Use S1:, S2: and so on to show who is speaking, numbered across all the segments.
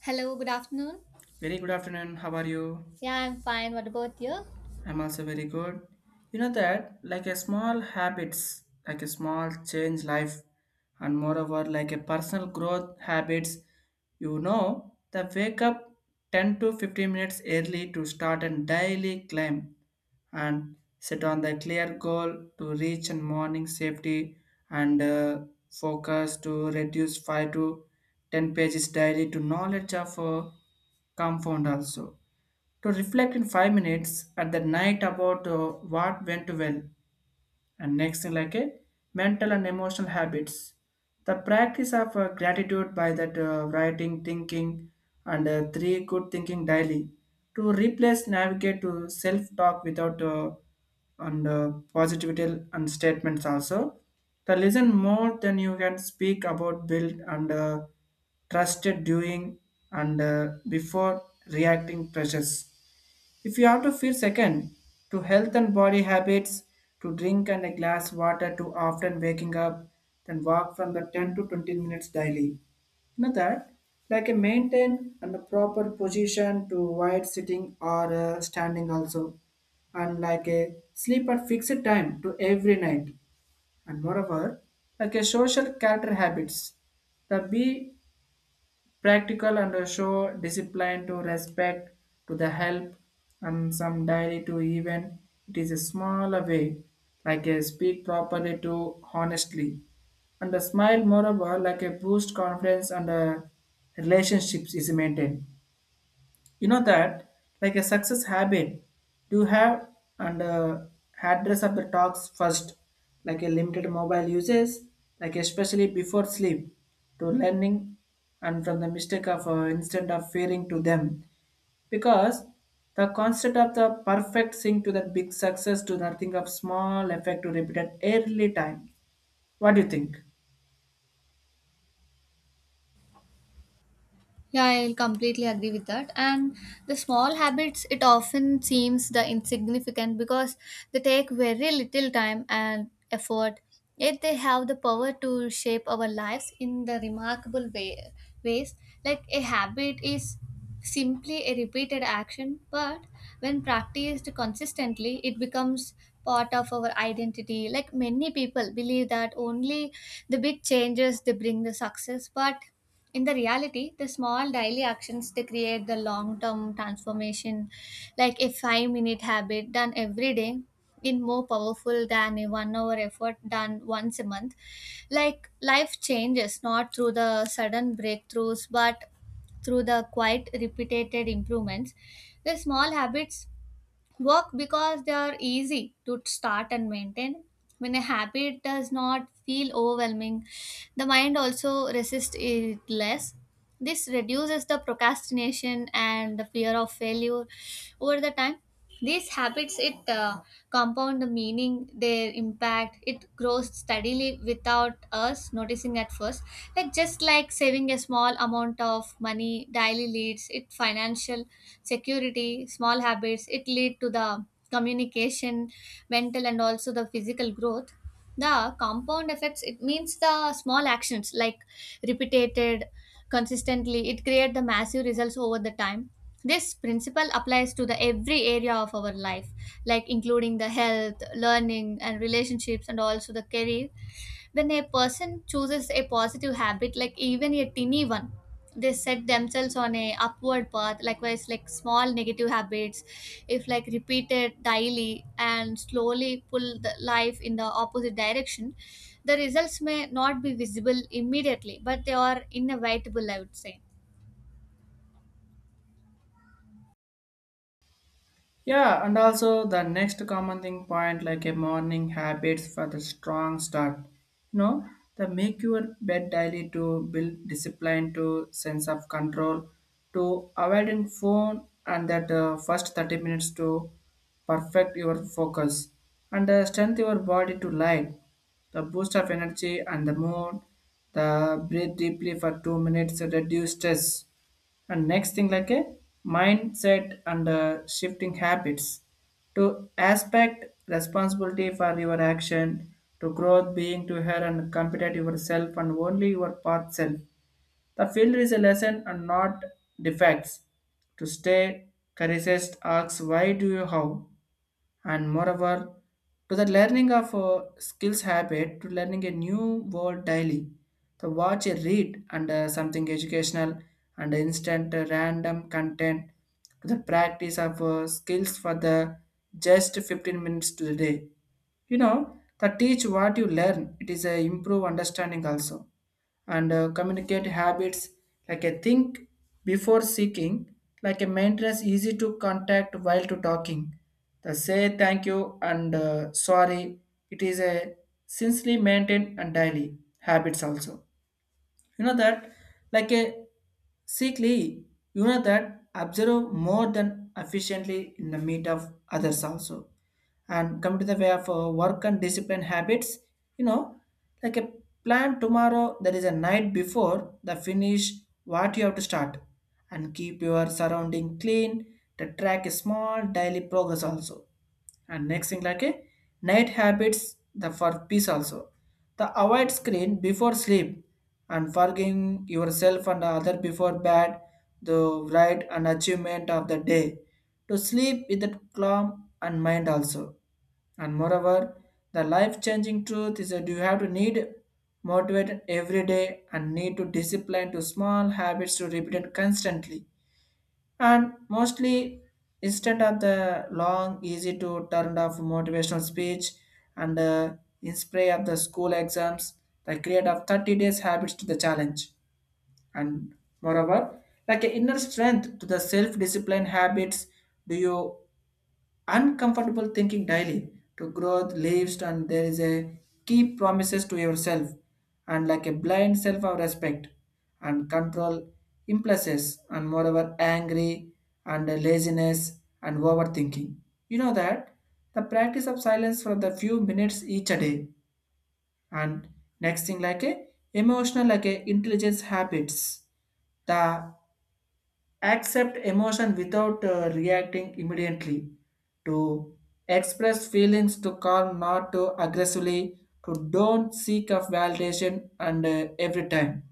S1: Hello, good afternoon.
S2: Very good afternoon. How are you?
S1: Yeah, I'm fine. What about you?
S2: I'm also very good. You know that, like a small habits, like a small change life, and moreover like a personal growth habits. You know, the wake up 10 to 15 minutes early to start a daily climb, and set on the clear goal to reach and morning safety, and focus to reduce 5 to 10 pages daily to knowledge of compound also, to reflect in 5 minutes at the night about what went well, and next thing like a mental and emotional habits. The practice of gratitude by that writing thinking, and three good thinking daily to replace navigate to self talk without and positivity and statements also. The listen more than you can speak about build, and trusted doing, and before reacting pressures, if you have to feel second, to health and body habits, to drink and a glass water too often waking up, then walk from the 10 to 20 minutes daily. You know that? Like a maintain and a proper position to avoid sitting or standing also. And like a sleep at fixed time to every night. And moreover, like a social character habits. The be practical and show discipline to respect to the help and some daily to even it is a small way, like a speak properly to honestly, and a smile, moreover like a boost confidence, and relationships is maintained. You know that, like a success habit do have, and address of the talks first, like a limited mobile uses, like especially before sleep to learning, and from the mistake of instant of fearing to them, because the concept of the perfect thing to the big success to nothing of small effect to repeated early time. What do you think?
S1: Yeah, I completely agree with that. And the small habits, it often seems the insignificant because they take very little time and effort, yet they have the power to shape our lives in the remarkable ways. Like a habit is simply a repeated action, but when practiced consistently, it becomes part of our identity. Like many people believe that only the big changes they bring the success, but in the reality the small daily actions they create the long term transformation, like a 5-minute habit done every day in more powerful than a 1 hour effort done once a month. Like life changes not through the sudden breakthroughs but through the quite repeated improvements. The small habits work because they are easy to start and maintain. When a habit does not feel overwhelming, the mind also resists it less. This reduces the procrastination and the fear of failure over the time. These habits it compound the meaning, their impact. It grows steadily without us noticing at first. Like just like saving a small amount of money daily leads it financial security. Small habits it lead to the communication, mental and also the physical growth. The compound effects it means the small actions like repeated consistently it create the massive results over the time. This principle applies to the every area of our life, like including the health, learning, and relationships, and also the career. When a person chooses a positive habit, like even a tiny one, they set themselves on a upward path. Likewise, like small negative habits, if like repeated daily and slowly pull the life in the opposite direction, the results may not be visible immediately, but they are inevitable, I would say.
S2: Yeah, and also the next common thing point like a morning habits for the strong start. You know, the make your bed daily to build discipline to sense of control, to avoiding phone, and that first 30 minutes to perfect your focus, and strengthen your body to light the boost of energy and the mood, the breathe deeply for 2 minutes to reduce stress, and next thing like a mindset and shifting habits, to aspect responsibility for your action, to growth being to her and compete yourself and only your path self, the field is a lesson and not defects, to stay courageous asks why do you how, and moreover to the learning of skills habit, to learning a new word daily, to watch a read and something educational, and instant random content, to the practice of skills for the just 15 minutes to the day. You know that, teach what you learn it is a improve understanding also, and communicate habits, like a think before seeking, like a maintenance easy to contact while to talking. The say thank you and sorry. It is a sincerely maintained and daily habits also. You know that, like a sickly, you know that observe more than efficiently in the meet of others also, and come to the way of work and discipline habits. You know, like a plan tomorrow that is a night before the finish what you have to start, and keep your surrounding clean to track a small daily progress also, and next thing like a night habits the for peace also. The avoid screen before sleep, and forgiving yourself and other before bed, the right and achievement of the day to sleep with a calm and mind also. And moreover, the life changing truth is that you have to need motivated every day and need to discipline to small habits to repeat it constantly. And mostly, instead of the long easy to turn off motivational speech and inspire of the school exams, the create of 30 days habits to the challenge. And moreover, like an inner strength to the self-discipline habits, do you uncomfortable thinking daily to growth leaves, and there is a keep promises to yourself, and like a blind self of respect, and control impulses, and moreover angry and laziness and overthinking. You know that, the practice of silence for the few minutes each a day. And next thing like a emotional, like a intelligence habits, the accept emotion without reacting immediately, to express feelings to calm, not to aggressively, to don't seek of validation and every time.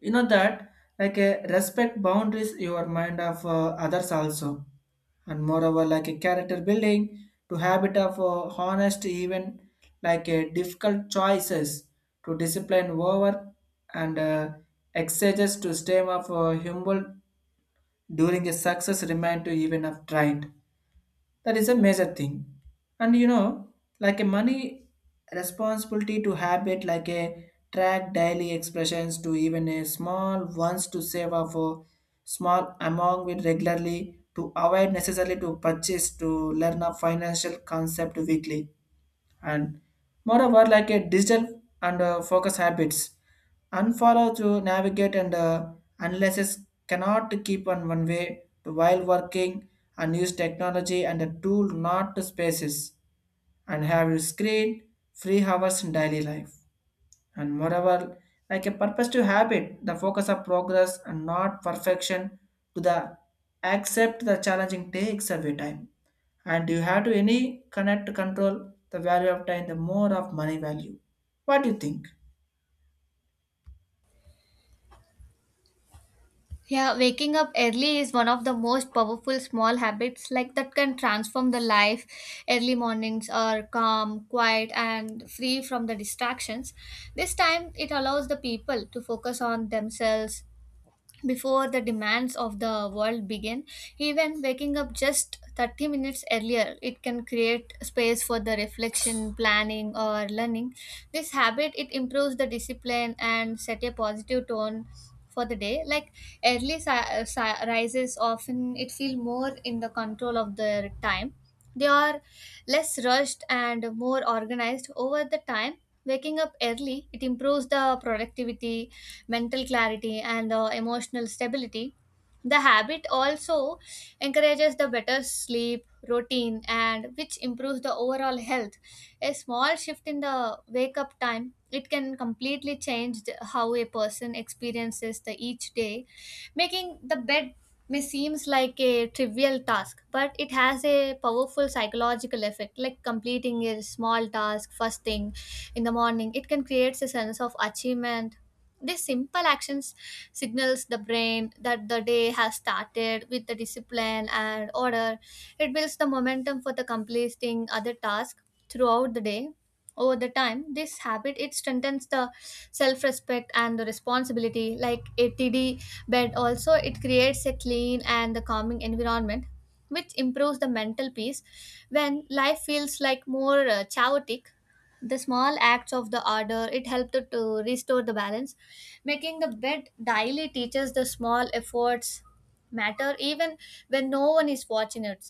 S2: You know that, like respect boundaries your mind of others also. And moreover, like a character building, to habit of honest even like a difficult choices, to discipline over, and exercises to stem of humble during a success remind to even have tried. That is a major thing. And you know, like a money responsibility to habit, like a track daily expressions to even a small ones, to save up for small amount with regularly, to avoid necessarily to purchase, to learn a financial concept weekly. And moreover, like a digital and focus habits, unfollow to navigate and analysis, cannot keep on one way to while working, and use technology and a tool not to spaces, and have your screen free hours in daily life. And moreover, like a purpose to habit the focus of progress and not perfection, to the accept the challenging takes away time, and you have to any connect to control the value of time the more of money value. What do you think?
S1: Yeah, waking up early is one of the most powerful small habits like that can transform the life. Early mornings are calm, quiet and free from the distractions. This time it allows the people to focus on themselves, before the demands of the world begin. Even waking up just 30 minutes earlier, it can create space for the reflection, planning or learning. This habit it improves the discipline and set a positive tone for the day. Like early rises often it feel more in the control of their time. They are less rushed and more organized over the time. Waking up early it improves the productivity, mental clarity and emotional stability. The habit also encourages the better sleep routine and which improves the overall health. A small shift in the wake up time it can completely change how a person experiences the each day. Making the bed may seems like a trivial task, but it has a powerful psychological effect. Like completing a small task first thing in the morning, it can create a sense of achievement. These simple actions signals the brain that the day has started with the discipline and order. It builds the momentum for the completing other tasks throughout the day. Over the time, this habit it strengthens the self-respect and the responsibility. Like a ATD bed, also it creates a clean and the calming environment, which improves the mental peace. When life feels like more chaotic, the small acts of the order it helped to restore the balance. Making the bed daily teaches the small efforts matter, even when no one is watching it.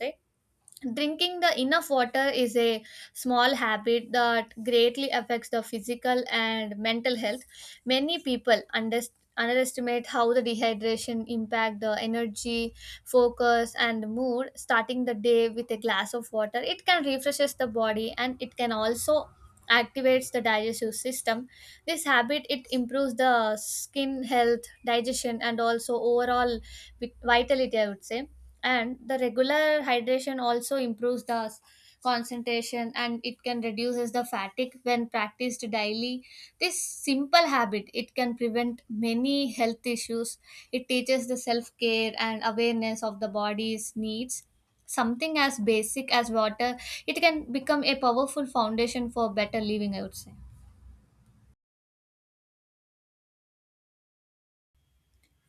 S1: Drinking the enough water is a small habit that greatly affects the physical and mental health. Many people underestimate how the dehydration impact the energy, focus and mood. Starting the day with a glass of water, it can refreshes the body and it can also activates the digestive system. This habit it improves the skin health, digestion and also overall vitality, I would say. And the regular hydration also improves the concentration and it can reduces the fatigue. When practiced daily, this simple habit it can prevent many health issues. It teaches the self care and awareness of the body's needs. Something as basic as water, it can become a powerful foundation for better living, I would say.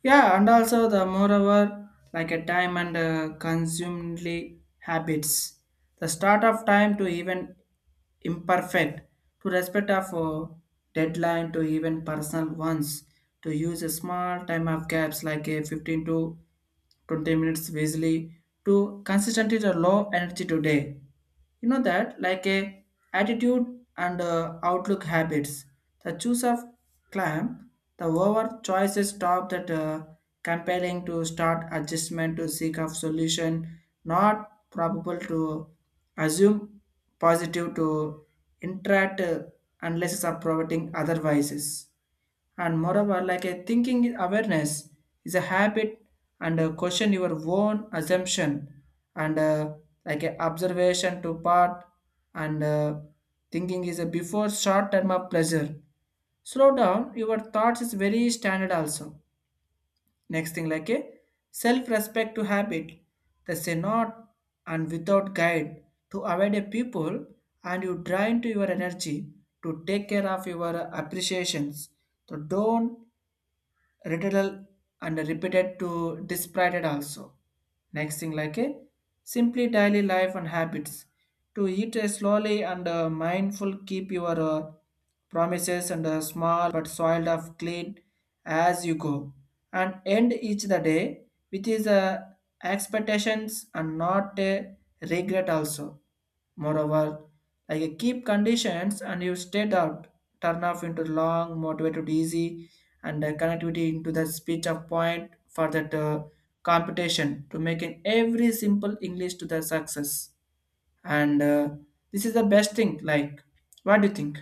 S2: Yeah, and also the moreover, like a time and consumingly habits. The start of time to even imperfect, to respect of deadline to even personal ones, to use a small time of gaps like a 15 to 20 minutes easily, to consistently the low energy today. You know that, like a attitude and outlook habits, the choice of clamp, the over choices stop that compelling to start adjustment to seek of solution, not probable to assume positive to interact unless it's providing otherwise. And moreover, like a thinking awareness is a habit, and question your own assumption, and like a observation to part, and thinking is a before short term of pleasure, slow down your thoughts is very standard also. Next thing like a self respect to habit, they say not and without guide, to avoid a people and you drain to your energy, to take care of your appreciations, so don't ritual and repeated to disparate also. Next thing like a simply daily life and habits, to eat slowly and mindful, keep your promises and small but soiled of clean as you go, and end each the day with his expectations and not a regret also. Moreover, like a keep conditions and you state out, turn off into long, motivated, easy, and connectivity into the speech of point for that computation to making every simple English to the success. And this is the best thing. Like, what do you think?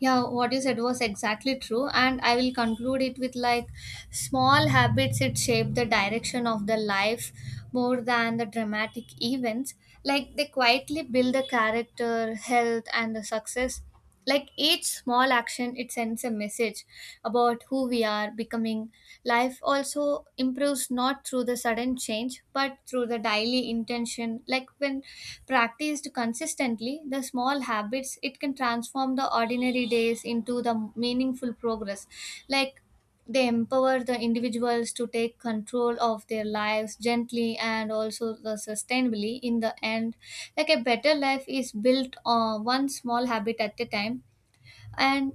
S1: Yeah, what you said was exactly true, and I will conclude it with like, small habits it shape the direction of the life more than the dramatic events. Like they quietly build the character, health and the success. Like each small action it sends a message about who we are becoming. Life also improves not through the sudden change, but through the daily intention. Like when practiced consistently, the small habits it can transform the ordinary days into the meaningful progress. Like they empower the individuals to take control of their lives gently and also the sustainably in the end. Like a better life is built on one small habit at a time. And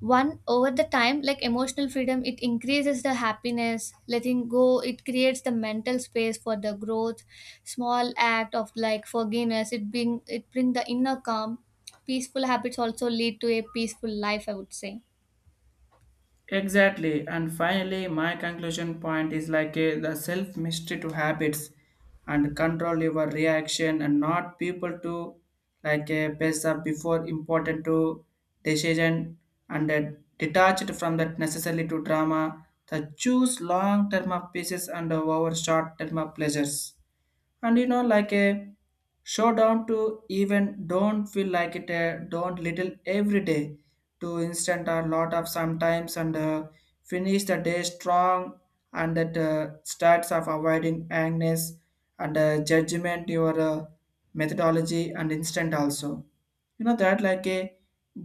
S1: one over the time, like emotional freedom it increases the happiness. Letting go, it creates the mental space for the growth. Small act of like forgiveness it bring the inner calm. Peaceful habits also lead to a peaceful life, I would say.
S2: Exactly. And finally, my conclusion point is like a, the self mystery to habits, and control your reaction and not people, to like a pace up before important to decision, and detached from that necessarily to drama. The choose long term of pieces and over short term of pleasures. And you know, like a showdown to even don't feel like it don't little every day, to instant a lot of sometimes, and finish the day strong, and that starts of avoiding angst and judgment your methodology and instant also. You know that, like a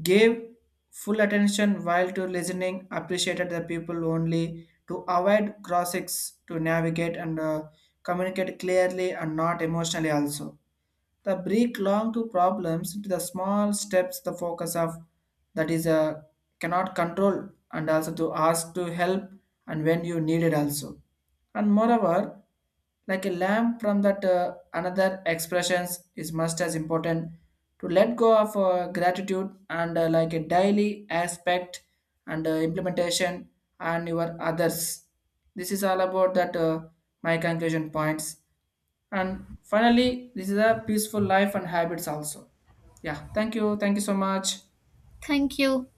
S2: gave full attention while to listening appreciated the people only, to avoid cross, to navigate and communicate clearly and not emotionally also, the break long to problems into the small steps the focus of that is a cannot control, and also to ask to help and when you need it also. And moreover, like a lamp from that another expressions is must as important, to let go of gratitude and like a daily aspect and implementation and your others. This is all about that my conclusion points. And finally, this is a peaceful life and habits also. Yeah, thank you. Thank you so much.
S1: Thank you.